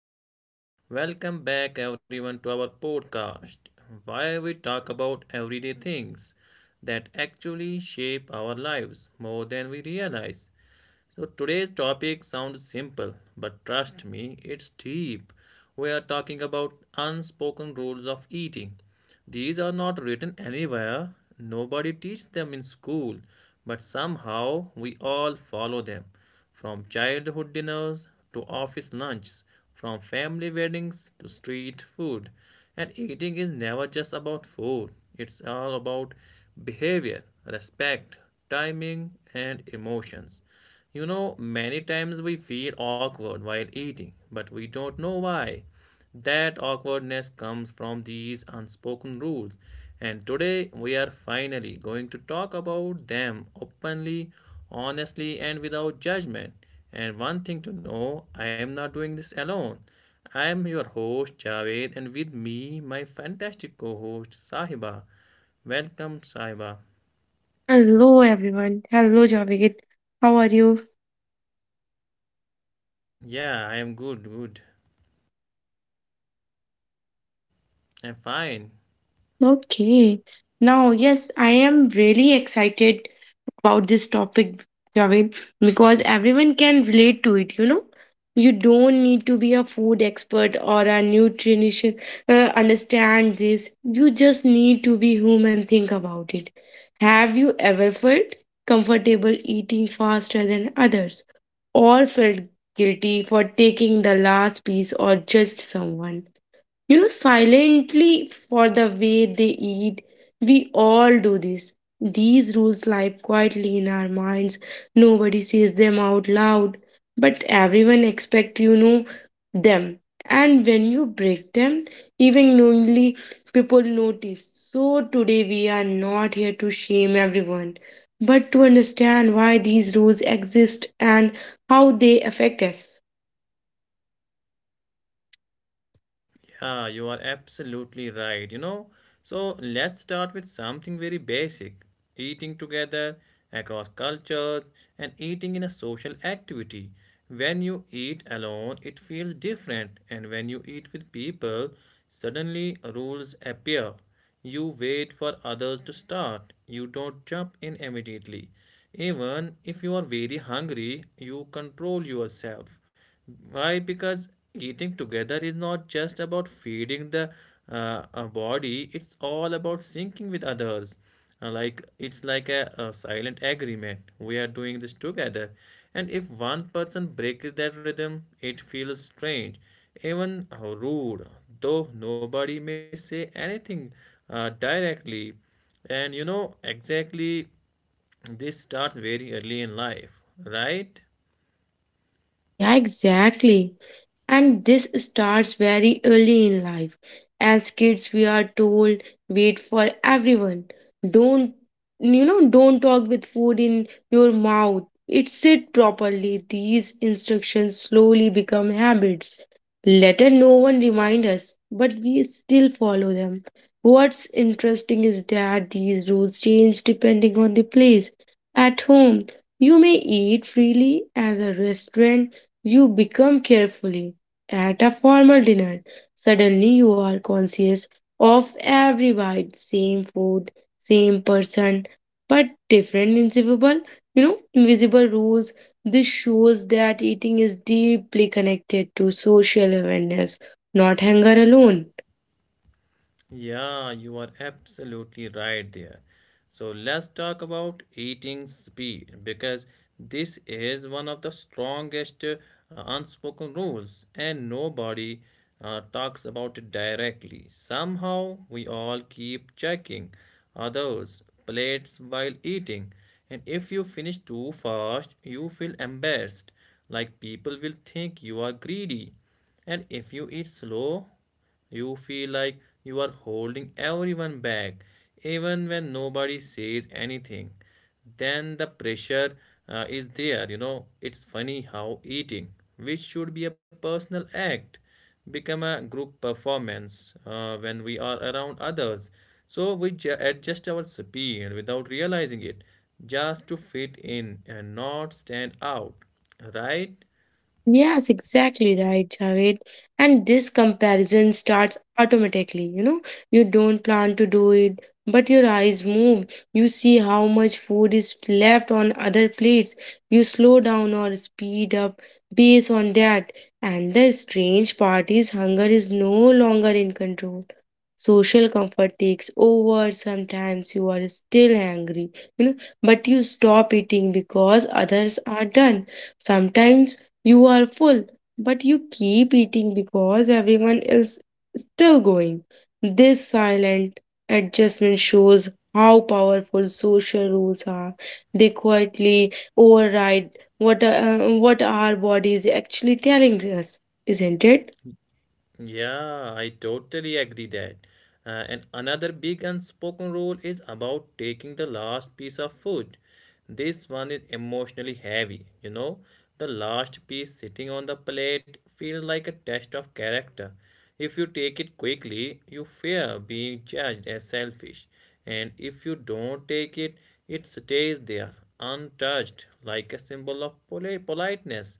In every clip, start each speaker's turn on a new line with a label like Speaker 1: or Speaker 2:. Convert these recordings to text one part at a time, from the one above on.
Speaker 1: everyone. Welcome back everyone to our podcast where we talk about everyday things that actually shape our lives more than we realize. So today's topic sounds simple, but trust me, it's deep. We are talking about unspoken rules of eating. These are not written anywhere. Nobody teaches them in school, but somehow we all follow them. From childhood dinners to office lunches, from family weddings to street food. And eating is never just about food. It's all about behavior, respect, timing, and emotions. You know, many times we feel awkward while eating, but we don't know why. That awkwardness comes from these unspoken rules, and today we are finally going to talk about them openly, honestly, and without judgment. And one thing to know, I am not doing this alone. I am your host, Javed, and with me, my fantastic co host, Sahiba. Welcome, Sahiba.
Speaker 2: Hello, everyone. Hello, Javed. How are you?
Speaker 1: Yeah, I am good, good. I'm fine.
Speaker 2: Okay. Now, yes, I am really excited about this topic, Javed, because everyone can relate to it, you know? You don't need to be a food expert or a nutritionist understand this. You just need to be human, think about it. Have you ever felt comfortable eating faster than others or felt guilty for taking the last piece or judged someone silently for the way they eat. We all do this. These rules lie quietly in our minds. Nobody says them out loud, but everyone expect them. And when you break them, even knowingly, people notice. So today we are not here to shame everyone, but to understand why these rules exist and how they affect us.
Speaker 1: Yeah, you are absolutely right. You know, so let's start with something very basic: eating together across cultures and eating in a social activity. When you eat alone, it feels different, and when you eat with people, suddenly rules appear. You wait for others to start, you don't jump in immediately. Even if you are very hungry, you control yourself. Why? Because eating together is not just about feeding the body, it's all about syncing with others. Like it's like a silent agreement. We are doing this together. And if one person breaks that rhythm, it feels strange, even rude, though nobody may say anything directly. And you know, exactly this starts very early in life, right?
Speaker 2: Yeah, exactly. And this starts very early in life. As kids, we are told, wait for everyone. Don't, you know, Don't talk with food in your mouth. It sit properly. These instructions slowly become habits. Later, no one remind us, but we still follow them. What's interesting is that these rules change depending on the place. At home, you may eat freely. At a restaurant, you become carefully at a formal dinner, suddenly you are conscious of every bite, same food, same person, but different invisible, invisible rules. This shows that eating is deeply connected to social awareness, not hunger alone.
Speaker 1: Yeah, you are absolutely right there. So let's talk about eating speed because this is one of the strongest unspoken rules, and nobody talks about it directly. Somehow, we all keep checking others' plates while eating, and if you finish too fast, you feel embarrassed, like people will think you are greedy. And if you eat slow, you feel like you are holding everyone back, even when nobody says anything. Then the pressure is there. You know, it's funny how eating, which should be a personal act, become a group performance when we are around others. So we adjust our speed without realizing it, just to fit in and not stand out, right?
Speaker 2: Yes, exactly right, Javed. And this comparison starts automatically. You know, you don't plan to do it, but your eyes move. You see how much food is left on other plates. You slow down or speed up based on that. And the strange part is hunger is no longer in control. Social comfort takes over. Sometimes you are still hungry, you know, but you stop eating because others are done. Sometimes you are full, but you keep eating because everyone is still going. This silent adjustment shows how powerful social rules are. They quietly override what, uh, what our body is actually telling us, isn't it?
Speaker 1: Yeah, I totally agree that. And another big unspoken rule is about taking the last piece of food. This one is emotionally heavy, you know. The last piece sitting on the plate feels like a test of character. If you take it quickly, you fear being judged as selfish. And if you don't take it, it stays there, untouched, like a symbol of politeness,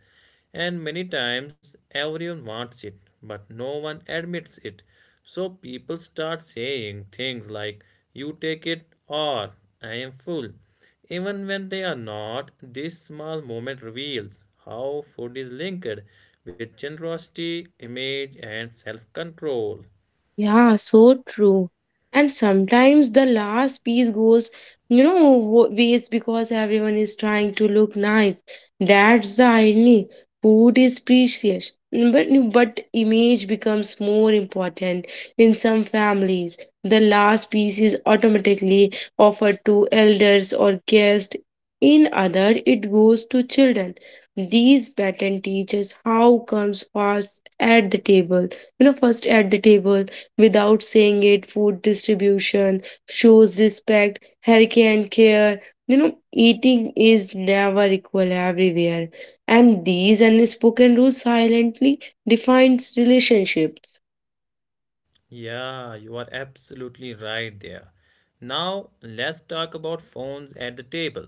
Speaker 1: and many times everyone wants it, but no one admits it. So people start saying things like, "You take it," or "I am full." Even when they are not, this small moment reveals how food is linked with generosity, image, and self control.
Speaker 2: Yeah, so true. And sometimes the last piece goes, waste because everyone is trying to look nice. That's the irony. Food is precious, but image becomes more important in some families. The last piece is automatically offered to elders or guests. In other, it goes to children. These pattern teaches how comes first at the table. First at the table without saying it, food distribution shows respect, hurricane care. You know, eating is never equal everywhere. And these unspoken rules silently defines relationships.
Speaker 1: Yeah, you are absolutely right there. Now, let's talk about phones at the table.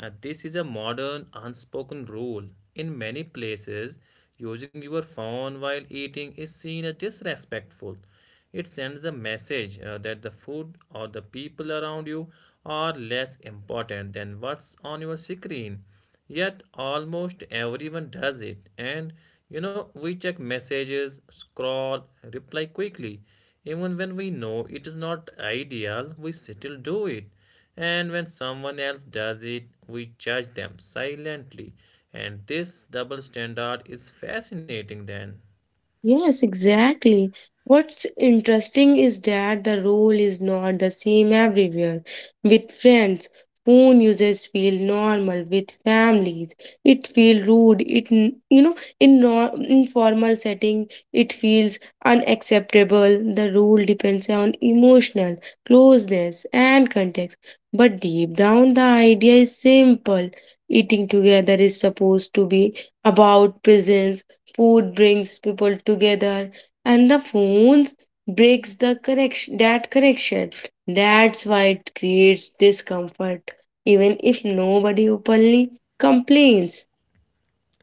Speaker 1: This is a modern unspoken rule. In many places, using your phone while eating is seen as disrespectful. It sends a message that the food or the people around you are less important than what's on your screen. Yet almost everyone does it. And you know, we check messages, scroll, reply quickly. Even when we know it is not ideal, we still do it. And when someone else does it, we judge them silently. And this double standard is fascinating then.
Speaker 2: Yes, exactly. What's interesting is that the role is not the same everywhere. With friends, phone users feel normal. With families, it feels rude. You know in no, informal setting, it feels unacceptable. The rule depends on emotional closeness and context. But deep down, the idea is simple. Eating together is supposed to be about presence. Food brings people together, and the phones breaks the connection that connection. That's why it creates discomfort, even if nobody openly complains.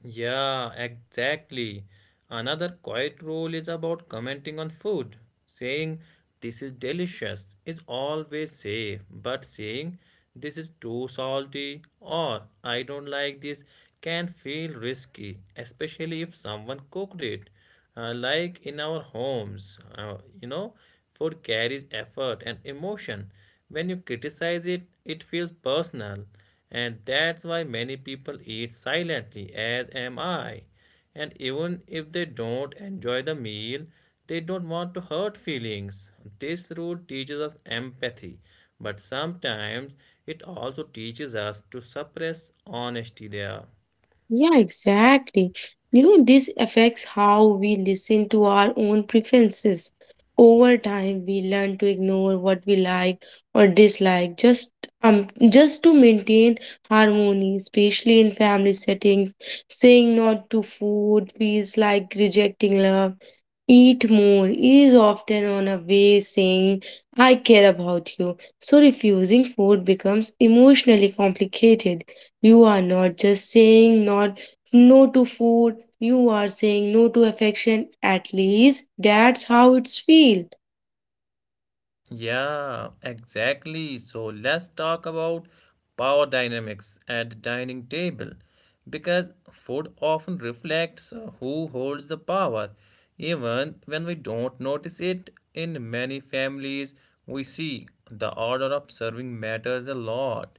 Speaker 1: Yeah, exactly. Another quiet rule is about commenting on food. Saying "this is delicious" is always safe, but saying "this is too salty" or "I don't like this" can feel risky, especially if someone cooked it. Like in our homes, you know, food carries effort and emotion. When you criticize it, it feels personal, and that's why many people eat silently, as am I. And even if they don't enjoy the meal, they don't want to hurt feelings. This rule teaches us empathy, but sometimes it also teaches us to suppress honesty there.
Speaker 2: Yeah, exactly. You know, this affects how we listen to our own preferences. Over time, we learn to ignore what we like or dislike just just to maintain harmony, especially in family settings. Saying not to food feels like rejecting love. Eat more is often on a way saying, I care about you. So refusing food becomes emotionally complicated. You are not just saying not no to food, you are saying no to affection. At least that's how it's feel.
Speaker 1: Yeah, exactly. So let's talk about power dynamics at the dining table because food often reflects who holds the power. Even when we don't notice it, in many families, we see the order of serving matters a lot,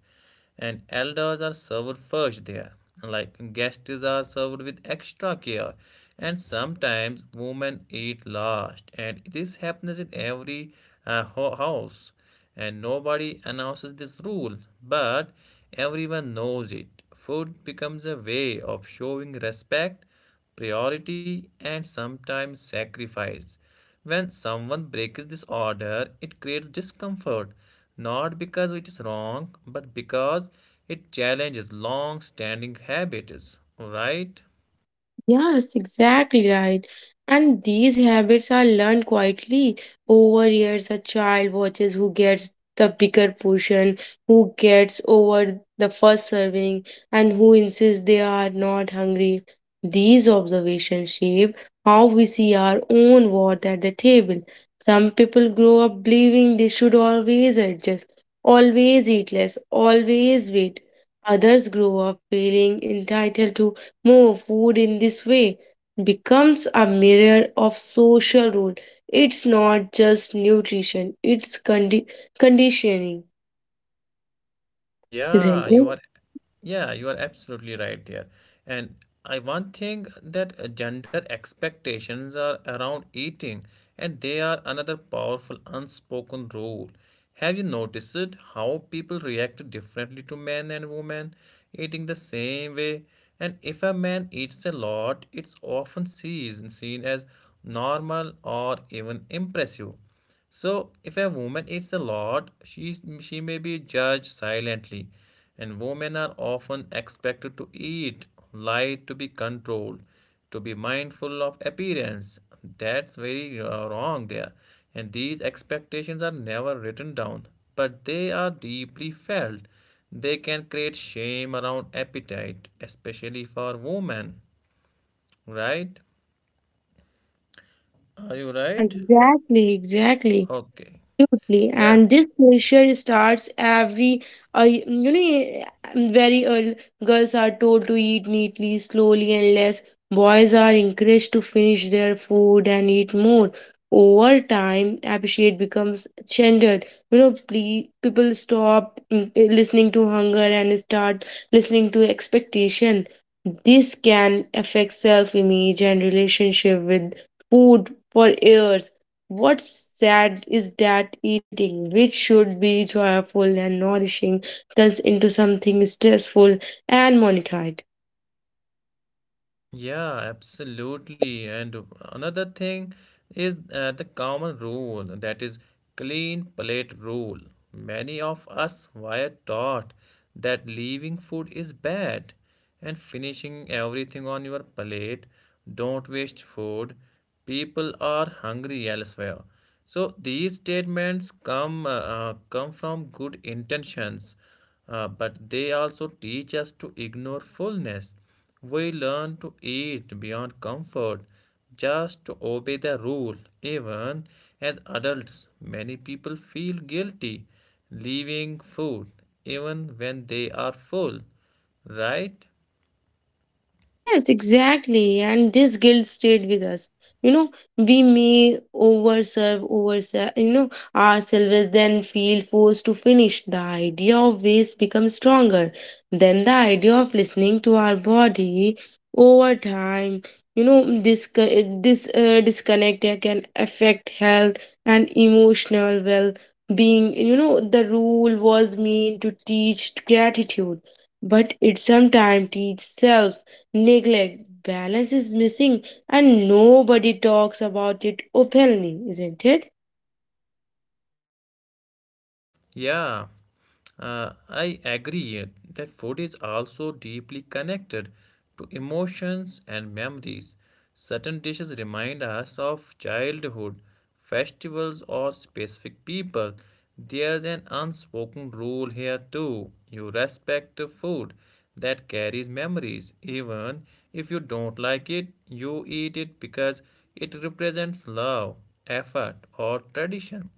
Speaker 1: and elders are served first there. Like, guests are served with extra care, and sometimes women eat last. And this happens in every uh, house, and nobody announces this rule, but everyone knows it. Food becomes a way of showing respect, priority, and sometimes sacrifice. When someone breaks this order, it creates discomfort, not because it is wrong, but because it challenges long standing habits, right?
Speaker 2: Yes, exactly right. And these habits are learned quietly. Over years, a child watches who gets the bigger portion, who gets over the first serving, and who insists they are not hungry. These observations shape how we see our own worth at the table. Some people grow up believing they should always adjust, always eat less, always wait. Others grow up feeling entitled to more food in this way becomes a mirror of social rule. It's not just nutrition, conditioning, isn't
Speaker 1: Yeah,
Speaker 2: it?
Speaker 1: you are Yeah, you are absolutely right there. And I one thing that gender expectations are around eating, and they are another powerful unspoken rule. Have you noticed it, how people react differently to men and women eating the same way? And if a man eats a lot, it's often sees seen as normal or even impressive. So, if a woman eats a lot, she may be judged silently, and women are often expected to eat light, to be controlled, to be mindful of appearance. That's very wrong there. And these expectations are never written down, but they are deeply felt. They can create shame around appetite, especially for women, right? Are you
Speaker 2: Yeah,
Speaker 1: right?
Speaker 2: exactly, exactly.
Speaker 1: Okay.
Speaker 2: Absolutely,
Speaker 1: Yeah.
Speaker 2: and this pressure starts every, you know, eh, mm, very early. Girls are told to eat neatly, slowly, and less. Boys are encouraged to finish their food and eat more. Over time, appreciate becomes gendered. You know, please, people stop listening to hunger and start listening to expectation. This can affect self-image and relationship with food for years. What's sad is that eating, which should be joyful and nourishing, turns into something stressful and monitored.
Speaker 1: Yeah, absolutely. And another thing is the common rule that is clean plate rule. Many of us were taught that leaving food is bad and finishing everything on your plate. Don't waste food. People are hungry elsewhere. So these statements come from good intentions, but they also teach us to ignore fullness. We learn to eat beyond comfort just to obey the rule. Even as adults, many people feel guilty leaving food even when they are full, right?
Speaker 2: Yes, exactly. And this guilt stayed with us. You know, we may overserve ourselves, then feel forced to finish. The idea of waste becomes stronger than the idea of listening to our body over time. This disconnect can affect health and emotional well-being. You know, the rule was meant to teach gratitude, but it sometimes teaches self neglect. Balance is missing, and nobody talks about it openly, isn't it?
Speaker 1: Yeah, I agree that food is also deeply connected to emotions and memories. Certain dishes remind us of childhood, festivals, or specific people. There's an unspoken rule here too. You respect the food that carries memories. Even if you don't like it, you eat it because it represents love, effort, or tradition.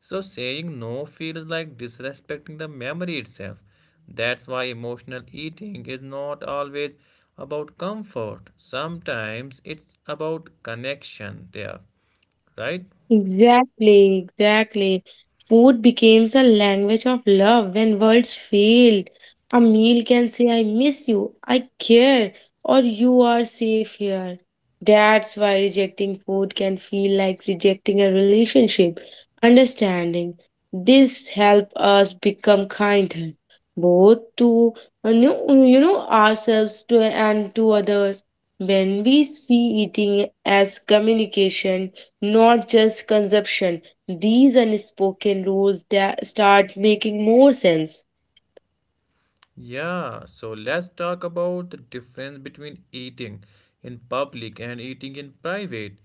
Speaker 1: So saying no feels like disrespecting the memory itself. That's why emotional eating is not always about comfort. Sometimes it's about connection there, right?
Speaker 2: Exactly. Food becomes a language of love when words fail. A meal can say, I miss you, I care, or you are safe here. That's why rejecting food can feel like rejecting a relationship. Understanding this help us become kinder, both to uh, you ourselves to and to others. When we see eating as communication, not just consumption. These unspoken rules start making more sense.
Speaker 1: Yeah, so let's talk about the difference between eating in public and eating in private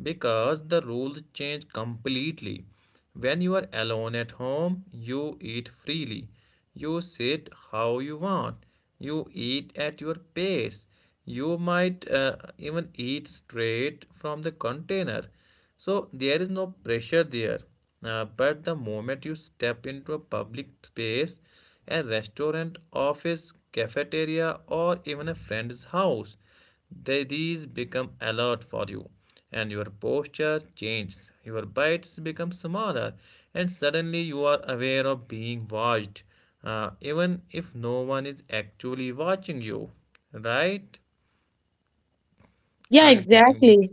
Speaker 1: because the rules change completely. When you are alone at home, you eat freely. You sit how you want. You eat at your pace. You might even eat straight from the container. So there is no pressure there. But the moment you step into a public space, a restaurant, office, cafeteria, or even a friend's house, they, these become alert for you. And your posture changes, your bites become smaller, and suddenly you are aware of being watched, even if no one is actually watching you. Right?
Speaker 2: Yeah,
Speaker 1: Are you getting me?
Speaker 2: exactly.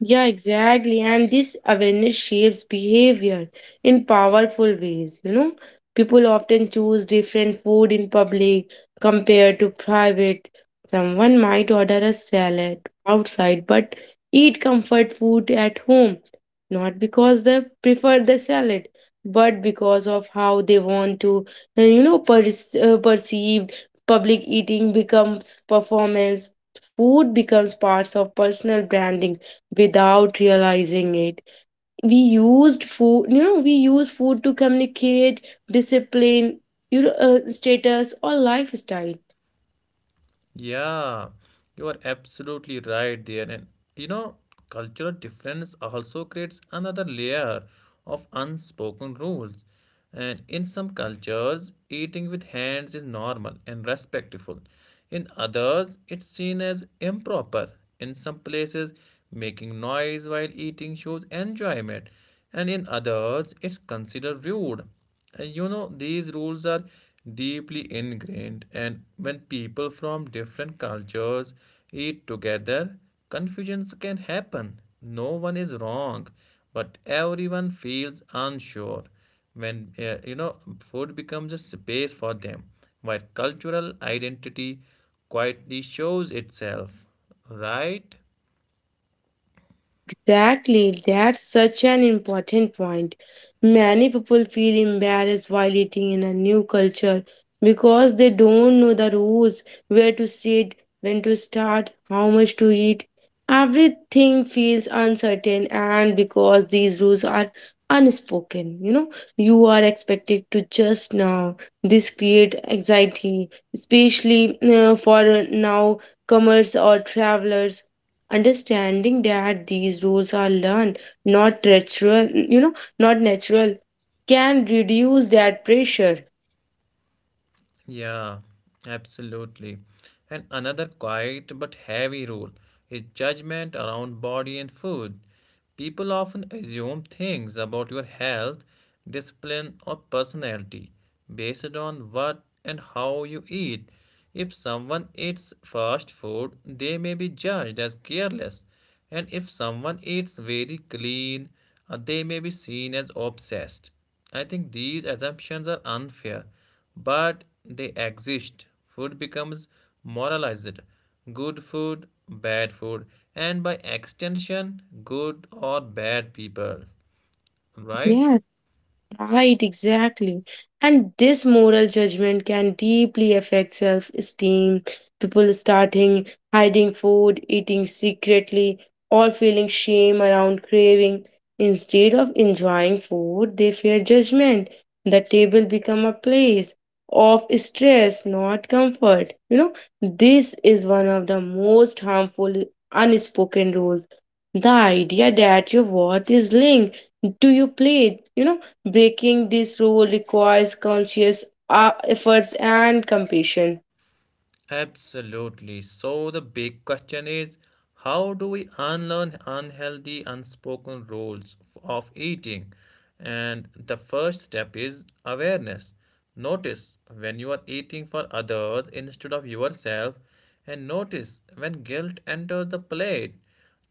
Speaker 2: Yeah, exactly. And this awareness shapes behavior in powerful ways. You know, people often choose different food in public compared to private. Someone might order a salad outside but eat comfort food at home, not because they prefer the salad, but because of how they want to perceived. Public eating becomes performance. Food becomes parts of personal branding without realizing it. We use food to communicate discipline, status or lifestyle.
Speaker 1: Yeah, you are absolutely right there. And you know, cultural difference also creates another layer of unspoken rules. And in some cultures, eating with hands is normal and respectful. In others, it's seen as improper. In some places, making noise while eating shows enjoyment. And in others, it's considered rude. And you know, these rules are deeply ingrained, and when people from different cultures eat together, confusions can happen. No one is wrong, but everyone feels unsure when food becomes a space for them, where cultural identity quietly shows itself, right?
Speaker 2: Yeah, exactly. That's such an important point. Many people feel embarrassed while eating in a new culture because they don't know the rules, where to sit, when to start, how much to eat. Everything feels uncertain, and because these rules are unspoken, you know, you are expected to just now. This create anxiety, especially for now comers or travelers understanding that these rules are learned not natural you know not natural can reduce that pressure.
Speaker 1: Yeah, absolutely. And another quiet but heavy rule is judgment around body and food. People often assume things about your health, discipline, or personality based on what and how you eat. If someone eats fast food, they may be judged as careless, and if someone eats very clean, they may be seen as obsessed. I think these assumptions are unfair, but they exist. Food becomes moralized: good food, bad food, and by extension, good or bad people, right?
Speaker 2: Yeah, Right, exactly. And this moral judgment can deeply affect self esteem. People starting hiding food, eating secretly, or feeling shame around craving. Instead of enjoying food, they fear judgment. The table become a place of stress, not comfort. You know, this is one of the most harmful unspoken rules. The idea that your worth is linked to your plate, Breaking this rule requires conscious efforts and compassion.
Speaker 1: Absolutely. So the big question is, how do we unlearn unhealthy, unspoken rules of eating? And the first step is awareness. Notice when you are eating for others instead of yourself, and notice when guilt enters the plate.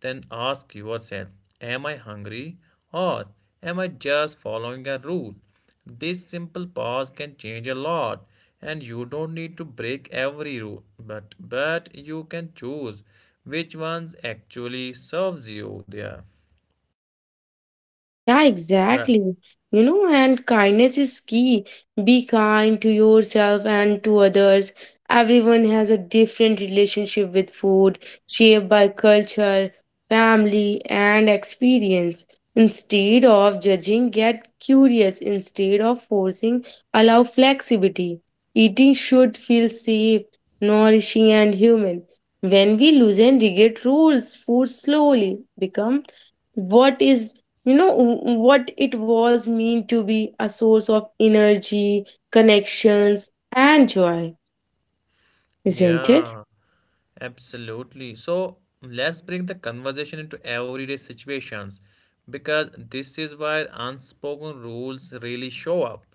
Speaker 1: Then ask yourself, am I hungry or am I just following a rule? This simple pause can change a lot, and you don't need to break every rule, but you can choose which ones actually serves you there.
Speaker 2: Yeah,
Speaker 1: Right.
Speaker 2: exactly. You know, and kindness is key. Be kind to yourself and to others. Everyone has a different relationship with food, shaped by culture, family, and experience. Instead of judging, get curious. Instead of forcing, allow flexibility. Eating should feel safe, nourishing, and human. When we loosen rigid rules, food slowly become what is you know w- what it was mean to be a source of energy connections and joy isn't it?
Speaker 1: Yeah, absolutely. So let's bring the conversation into everyday situations because this is where unspoken rules really show up.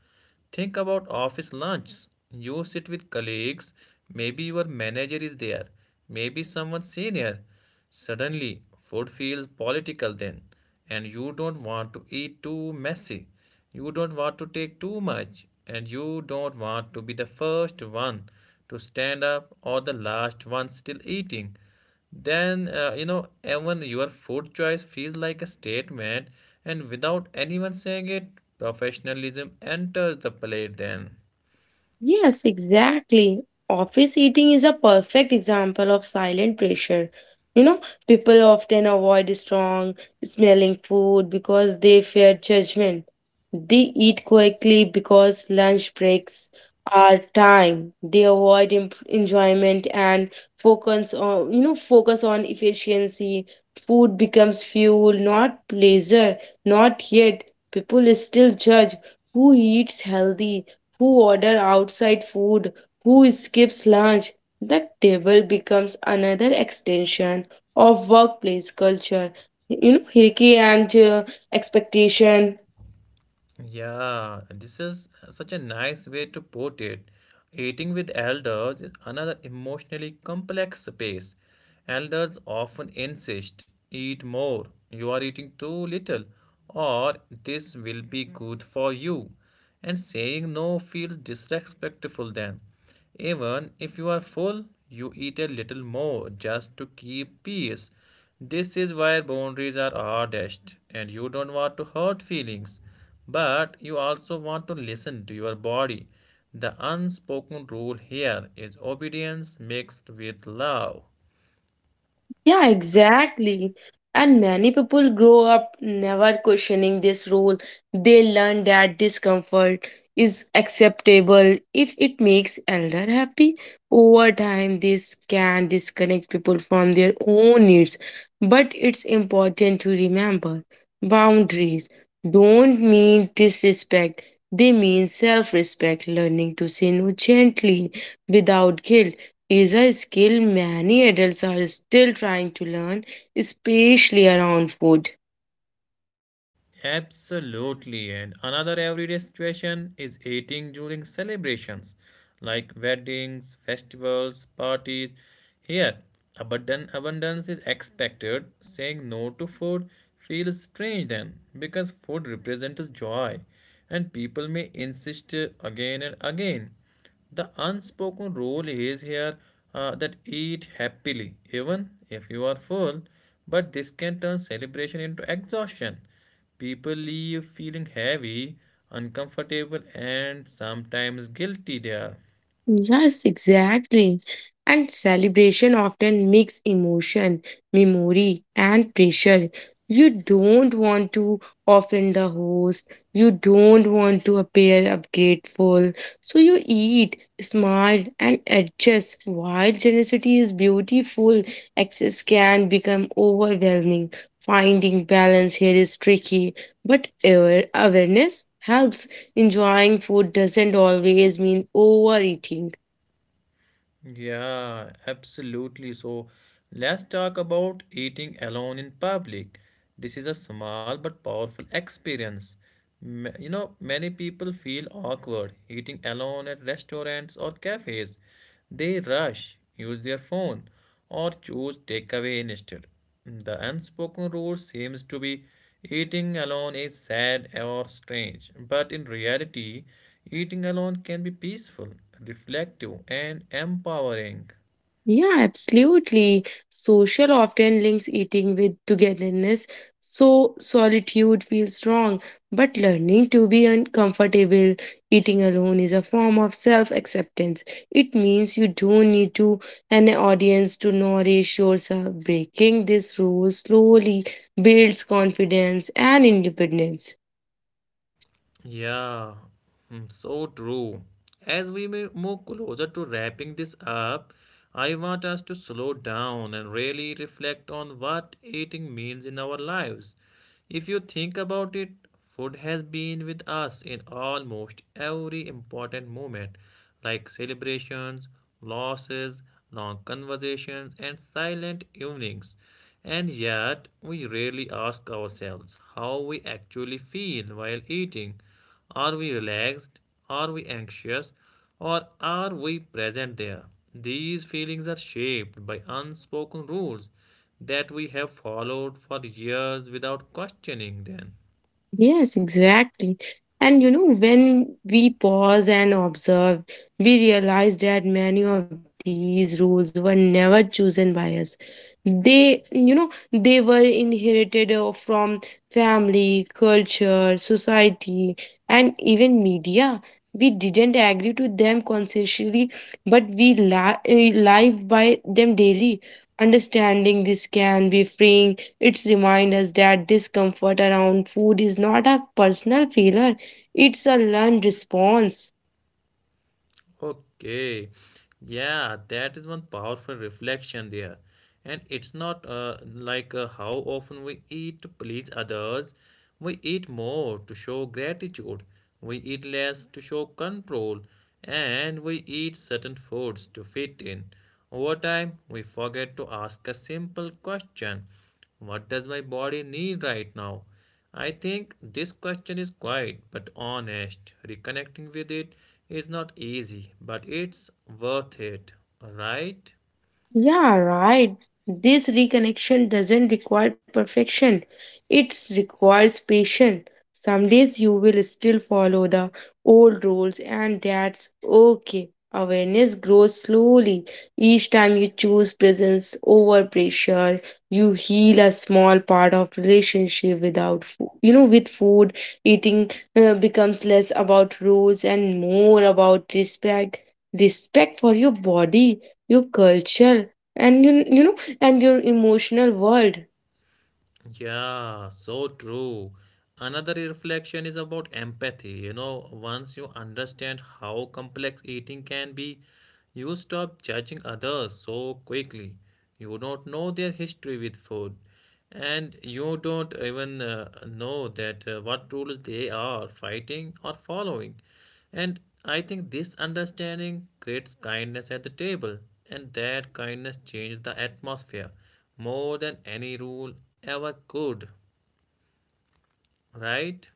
Speaker 1: Think about office lunch. You sit with colleagues, maybe your manager is there, maybe someone senior. Suddenly, food feels political then, and you don't want to eat too messy. You don't want to take too much, and you don't want to be the first one to stand up or the last one still eating. Then, even your food choice feels like a statement, and without anyone saying it, professionalism enters the plate then.
Speaker 2: Yes, exactly. Office eating is a perfect example of silent pressure. You know, people often avoid strong smelling food because they fear judgment. They eat quickly because lunch breaks are time. They avoid enjoyment and focus on, focus on efficiency. Food becomes fuel, not pleasure. Not yet. People still judge who eats healthy who order outside food, who skips lunch. The table becomes another extension of workplace culture. You know, hierarchy and expectation.
Speaker 1: Yeah, this is such a nice way to put it. Eating with elders is another emotionally complex space. Elders often insist, eat more, you are eating too little, or this will be good for you. And saying no feels disrespectful then. Even if you are full, you eat a little more just to keep peace. This is where boundaries are hardest, and you don't want to hurt feelings, but you also want to listen to your body. The unspoken rule here is obedience mixed with love.
Speaker 2: Yeah, exactly. And many people grow up never questioning this rule. They learn that discomfort is acceptable if it makes elder happy. Over time, this can disconnect people from their own needs. But it's important to remember boundaries don't mean disrespect, they mean self respect, learning to say no gently without guilt is a skill many adults are still trying to learn, especially around food.
Speaker 1: Absolutely. And another everyday situation is eating during celebrations like weddings, festivals, parties. Here, abundant abundance is expected. Saying no to food feels strange then because food represents joy and people may insist again and again. The unspoken rule is here that eat happily, even if you are full, but this can turn celebration into exhaustion. People leave feeling heavy, uncomfortable, and sometimes guilty there.
Speaker 2: Yes, exactly. And celebration often mix emotion, memory, and pressure. You don't want to offend the host. You don't want to appear ungrateful. So you eat, smile, and adjust. While generosity is beautiful, excess can become overwhelming. Finding balance here is tricky, but awareness helps. Enjoying food doesn't always mean overeating.
Speaker 1: Yeah, absolutely. So let's talk about eating alone in public. This is a small but powerful experience. You know, many people feel awkward eating alone at restaurants or cafes. They rush, use their phone, or choose takeaway instead. The unspoken rule seems to be eating alone is sad or strange, but in reality, eating alone can be peaceful, reflective, and empowering.
Speaker 2: Yeah, absolutely. Social often links eating with togetherness, so solitude feels wrong. But learning to be uncomfortable eating alone is a form of self acceptance. It means you don't need to an audience to nourish yourself. Breaking this rule slowly builds confidence and independence.
Speaker 1: Yeah, mm, so true. As we may move closer to wrapping this up, I want us to slow down and really reflect on what eating means in our lives. If you think about it, food has been with us in almost every important moment, like celebrations, losses, long conversations, and silent evenings. And yet, we rarely ask ourselves how we actually feel while eating. Are we relaxed? Are we anxious? Or are we present there? These feelings are shaped by unspoken rules that we have followed for years without questioning them.
Speaker 2: Yes, exactly. And you know, when we pause and observe, we realize that many of these rules were never chosen by us. They were inherited from family, culture, society, and even media. We didn't agree to them consciously, but we live by them daily. Understanding this can be freeing it's remind us that discomfort around food is not a personal failure, it's a learned response.
Speaker 1: Okay. Yeah, that is one powerful reflection there. And it's not like how often we eat to please others. We eat more to show gratitude. We eat less to show control. And we eat certain foods to fit in. Over time, we forget to ask a simple question. What does my body need right now? I think this question is quiet but honest. Reconnecting with it is not easy, but it's worth it, right?
Speaker 2: Yeah, right. This reconnection doesn't require perfection. It requires patience. Some days you will still follow the old rules, and that's okay. Awareness grows slowly. Each time you choose presence over pressure, you heal a small part of relationship without food. You know, with food, eating becomes less about rules and more about respect. Respect for your body your culture and you know and your emotional world.
Speaker 1: Yeah, so true. Another reflection is about empathy. You know, once you understand how complex eating can be, you stop judging others so quickly. You don't know their history with food, and you don't even know that what rules they are fighting or following. And I think this understanding creates kindness at the table, and that kindness changes the atmosphere more than any rule ever could, right?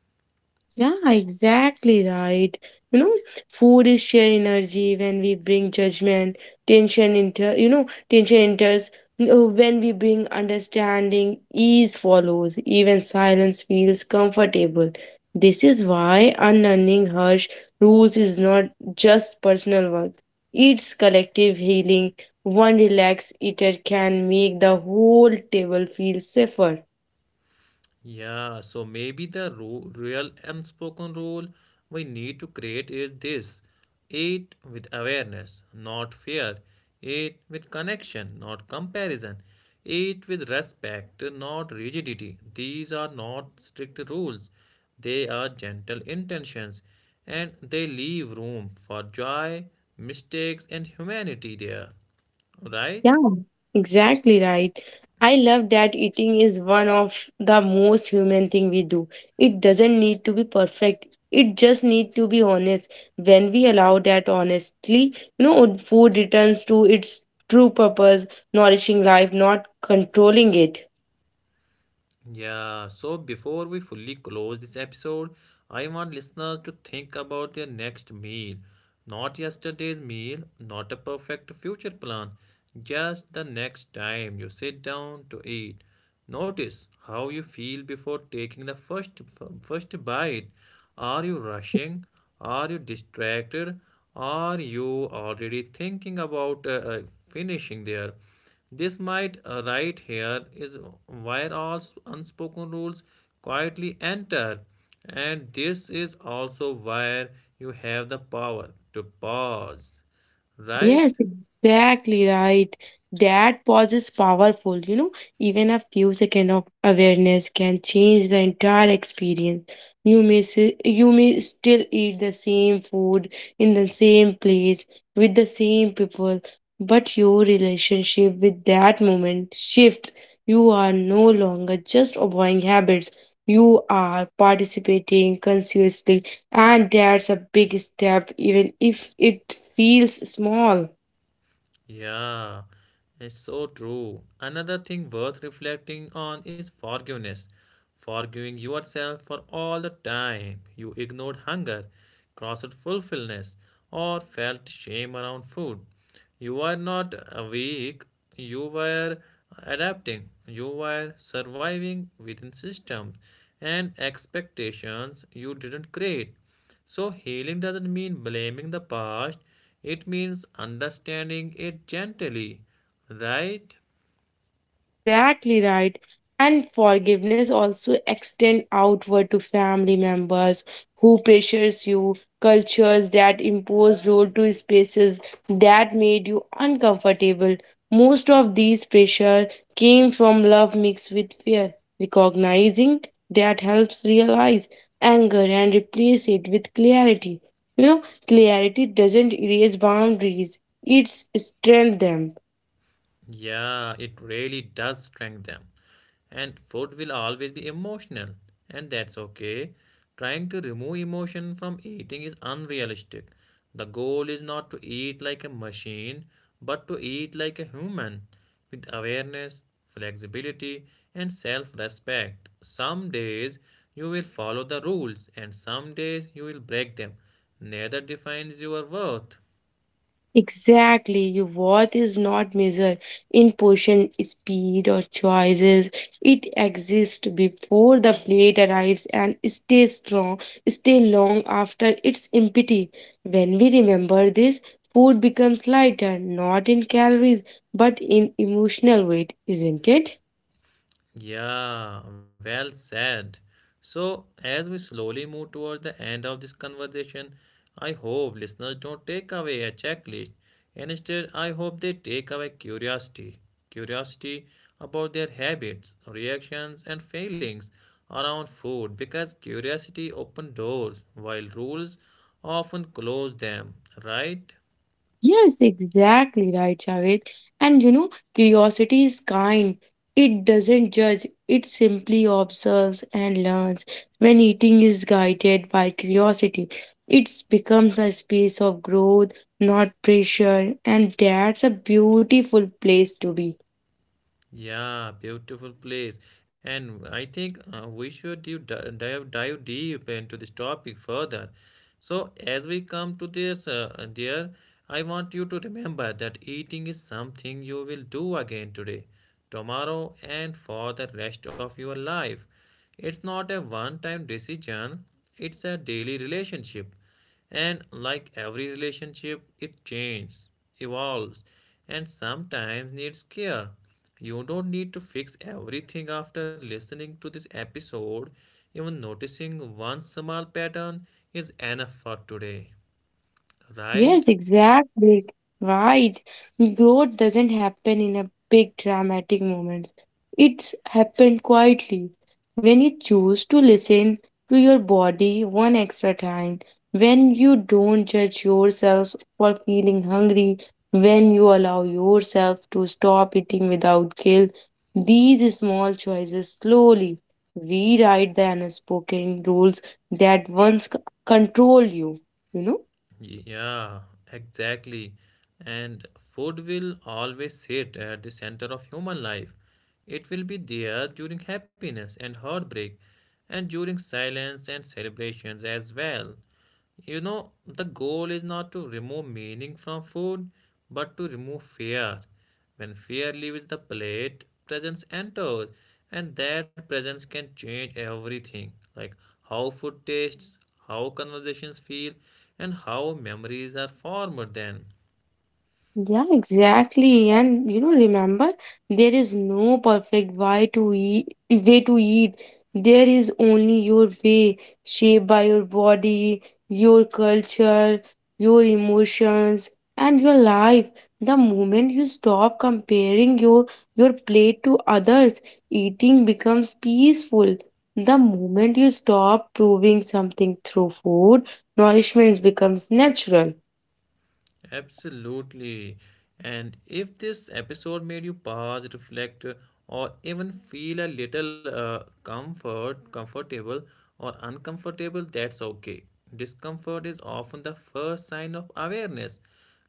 Speaker 2: Yeah, exactly right. You know, food is sheer energy when we bring judgment, tension inter you know, tension enters when we bring understanding, ease follows, even silence feels comfortable. This is why unlearning harsh rules is not just personal work. It's collective healing. One relaxed eater can make the whole table feel safer.
Speaker 1: Yeah, so maybe the real unspoken rule we need to create is this: eat with awareness, not fear, eat with connection, not comparison, eat with respect, not rigidity. These are not strict rules, they are gentle intentions, and they leave room for joy, mistakes, and humanity there,
Speaker 2: Yeah.
Speaker 1: right?
Speaker 2: Exactly right. I love that eating is one of the most human thing we do. It doesn't need to be perfect. It just need to be honest. When we allow that honestly, you know, food returns to its true purpose, nourishing life, not controlling it.
Speaker 1: Yeah, so before we fully close this episode, I want listeners to think about their next meal. Not yesterday's meal, not a perfect future plan, just the next time you sit down to eat. Notice how you feel before taking the first bite. Are you rushing? Are you distracted? Are you already thinking about finishing there? This might right here is where all unspoken rules quietly enter, and this is also where you have the power to pause, right?
Speaker 2: Yes, exactly right. That pause is powerful, you know. Even a few seconds of awareness can change the entire experience. You may still eat the same food in the same place with the same people, but your relationship with that moment shifts. You are no longer just avoiding habits. You are participating consciously and that's a big step even if it feels small.
Speaker 1: Yeah, it's so true. Another thing worth reflecting on is forgiveness. Forgiving yourself for all the time you ignored hunger, crossed fulfillment, or felt shame around food. You were not weak, you were adapting, you were surviving within systems and expectations you didn't create. So, healing doesn't mean blaming the past, it means understanding it gently, right?
Speaker 2: Exactly right. And forgiveness also extend outward to family members who pressures you, cultures that impose role to spaces that made you uncomfortable. Most of these pressure came from love mixed with fear. Recognizing that helps realize anger and replace it with clarity. You know, clarity doesn't erase boundaries, it strengthens them.
Speaker 1: Yeah, it really does strengthen them. And food will always be emotional, and that's okay. Trying to remove emotion from eating is unrealistic. The goal is not to eat like a machine, but to eat like a human with awareness, flexibility, and self respect. Some days you will follow the rules, and some days you will break them. Neither defines your worth.
Speaker 2: Exactly, your worth is not measured in portion, speed, or choices. It exists before the plate arrives and stays strong, stay long after its empty. When we remember this, food becomes lighter, not in calories, but in emotional weight, isn't it?
Speaker 1: Yeah, well said. So, as we slowly move towards the end of this conversation, I hope listeners don't take away a checklist and instead, I hope they take away curiosity. Curiosity about their habits, reactions, and feelings around food, because curiosity opens doors while rules often close them, right?
Speaker 2: Yes, exactly right, Javed. And you know, curiosity is kind. It doesn't judge, it simply observes and learns. When eating is guided by curiosity, it becomes a space of growth, not pressure, and that's a beautiful place to be.
Speaker 1: Yeah, beautiful place. And I think we should do, di- dive deep into this topic further. So as we come to this dear, I want you to remember that eating is something you will do again today, tomorrow, and for the rest of your life. It's not a one time decision, it's a daily relationship. And like every relationship, it changes, evolves, and sometimes needs care. You don't need to fix everything after listening to this episode. Even noticing one small pattern is enough for today, right?
Speaker 2: Yes, exactly. Right. Growth doesn't happen in a big dramatic moments. It's happened quietly. When you choose to listen to your body one extra time, when you don't judge yourself for feeling hungry, when you allow yourself to stop eating without guilt, these small choices slowly rewrite the unspoken rules that control you, you know?
Speaker 1: Yeah, exactly. And food will always sit at the center of human life. It will be there during happiness and heartbreak, and during silence and celebrations as well. You know, the goal is not to remove meaning from food, but to remove fear. When fear leaves the plate, presence enters, and that presence can change everything, like how food tastes, how conversations feel, and how memories are formed then.
Speaker 2: Yeah, exactly. And you know, remember, there is no perfect way to eat. There is only your way, shaped by your body, your culture, your emotions, and your life. The moment you stop comparing your plate to others, eating becomes peaceful. The moment you stop proving something through food, nourishment becomes natural.
Speaker 1: Absolutely. And if this episode made you pause, reflect, or even feel a little comfortable or uncomfortable, that's okay. Discomfort is often the first sign of awareness.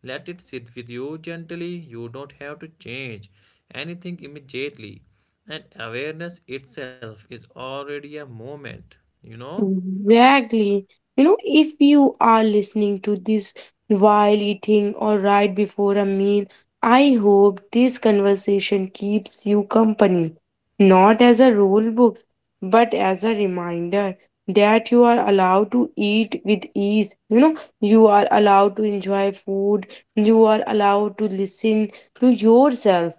Speaker 1: Let it sit with you gently. You don't have to change anything immediately. And awareness itself is already a moment, you know?
Speaker 2: Exactly. You know, if you are listening to this while eating or right before a meal, I hope this conversation keeps you company, not as a rule book, but as a reminder that you are allowed to eat with ease. You know, you are allowed to enjoy food, you are allowed to listen to yourself.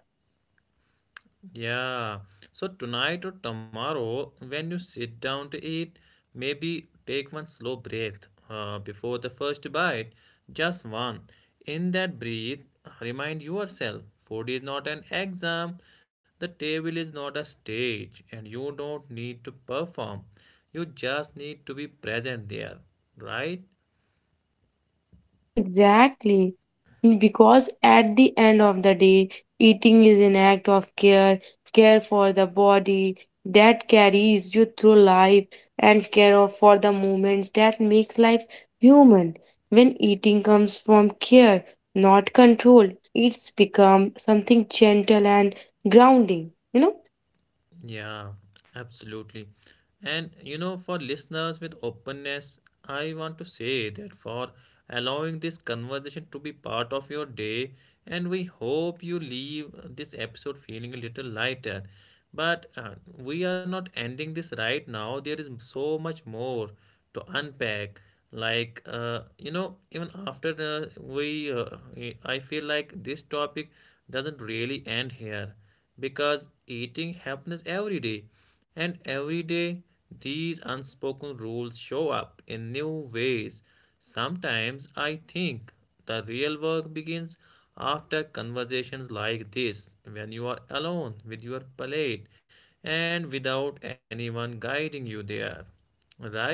Speaker 1: Yeah. So tonight or tomorrow, when you sit down to eat, maybe take one slow breath before the first bite. Just one. In that breath, remind yourself food is not an exam, the table is not a stage, and you don't need to perform. You just need to be present there, right?
Speaker 2: Yeah, exactly. Because at the end of the day, eating is an act of care, care for the body that carries you through life and for the moments that makes life human. When eating comes from care, not control, it's become something gentle and grounding, you know?
Speaker 1: Yeah, absolutely. And you know, for listeners with openness, I want to say that for allowing this conversation to be part of your day, and we hope you leave this episode feeling a little lighter. But we are not ending this right now. There is so much more to unpack. Like, you know, even after we, I feel like this topic doesn't really end here because eating happens every day and every day these unspoken rules show up in new ways. Sometimes I think the real work begins after conversations like this, when you are alone with your plate and without anyone guiding you there, right?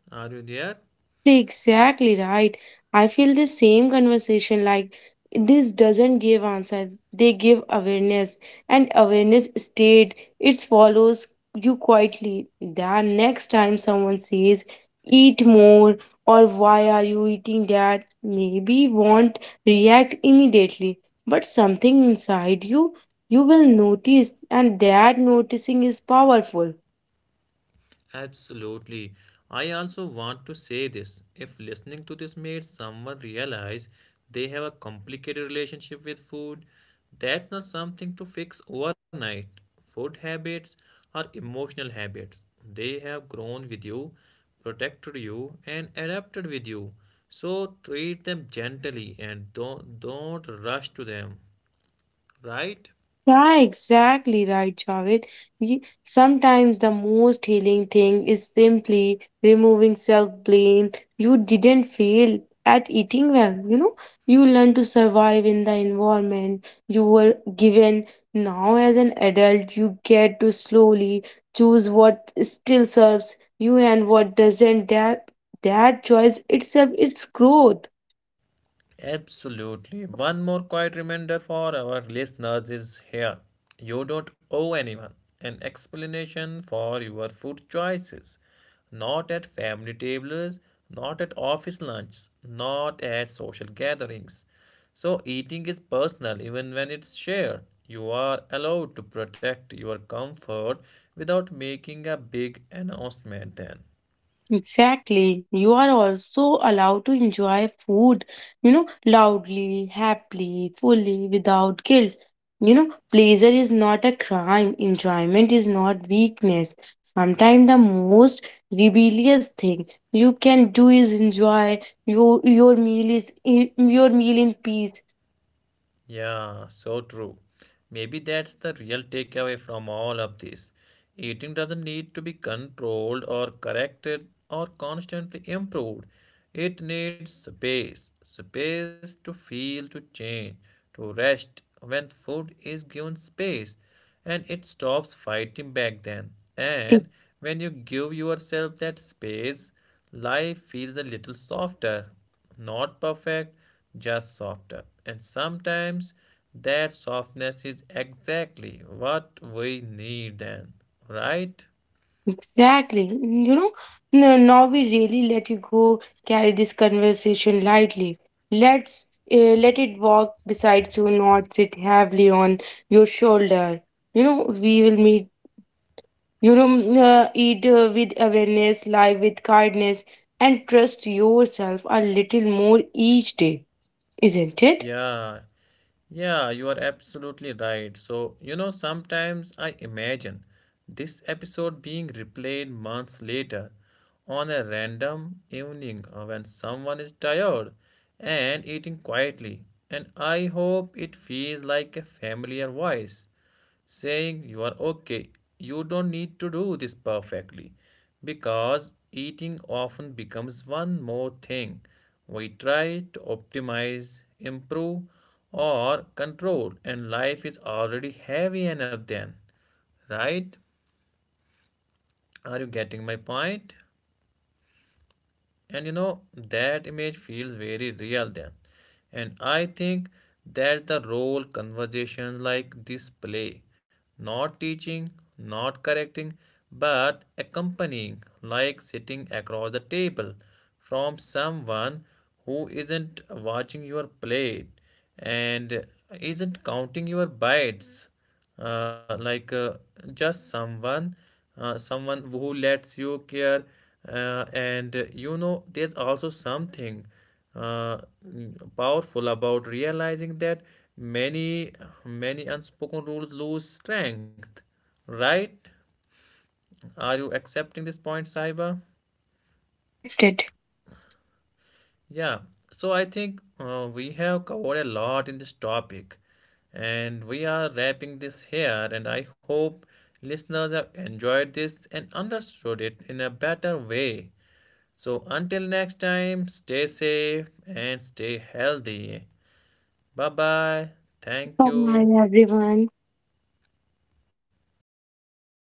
Speaker 1: Are you there?
Speaker 2: Exactly right. I feel the same conversation like this doesn't give answer. They give awareness and awareness state it follows you quietly. The next time someone says eat more or why are you eating that maybe won't react immediately but something inside you you will notice and that noticing is powerful.
Speaker 1: Absolutely. I also want to say this. If listening to this made someone realize they have a complicated relationship with food, that's not something to fix overnight. Food habits are emotional habits. They have grown with you, protected you, and adapted with you. So treat them gently and don't rush to them, right?
Speaker 2: Yeah, exactly right, Javed. Sometimes the most healing thing is simply removing self-blame. You didn't fail at eating well, you know. You learn to survive in the environment you were given. Now, as an adult, you get to slowly choose what still serves you and what doesn't. That choice itself, it's growth.
Speaker 1: Absolutely. One more quiet reminder for our listeners is here. You don't owe anyone an explanation for your food choices. Not at family tables, not at office lunches, not at social gatherings. So, eating is personal even when it's shared. You are allowed to protect your comfort without making a big announcement then.
Speaker 2: Exactly. You are also allowed to enjoy food, you know, loudly, happily, fully, without guilt. You know, pleasure is not a crime, enjoyment is not weakness. Sometimes the most rebellious thing you can do is enjoy your meal in peace.
Speaker 1: Yeah, so true. Maybe that's the real takeaway from all of this. Eating doesn't need to be controlled or corrected or constantly improved. It needs space, space to feel, to change, to rest. When food is given space, and it stops fighting back then. And when you give yourself that space, life feels a little softer. Not perfect, just softer. And sometimes that softness is exactly what we need then, right?
Speaker 2: Exactly. You know, now we really let you go carry this conversation lightly. Let's Let it walk beside you, not sit heavily on your shoulder. You know, we will meet, you know, mm, eat with awareness, live with kindness, and trust yourself a little more each day, isn't it?
Speaker 1: Yeah, yeah, you are absolutely right. So, you know, sometimes I imagine this episode being replayed months later on a random evening when someone is tired and eating quietly. And I hope it feels like a familiar voice saying you are okay, you don't need to do this perfectly. Because eating often becomes one more thing we try to optimize, improve, or control, and life is already heavy enough then. Right? Are you getting my point? And you know, that image feels very real then. And I think that's the role conversations like this play. Not teaching, not correcting, but accompanying, like sitting across the table from someone who isn't watching your plate and isn't counting your bites. Uh, like uh, just someone someone who lets you care and you know, there's also something uh, powerful about realizing that many many unspoken rules lose strength, right? Are you accepting this point, saiba?
Speaker 2: Accepted.
Speaker 1: Yeah, so I think we have covered a lot in this topic and we are wrapping this here, and I hope listeners have enjoyed this and understood it in a better way. So until next time, stay safe and stay healthy. Bye bye. Thank you.
Speaker 2: Bye, everyone.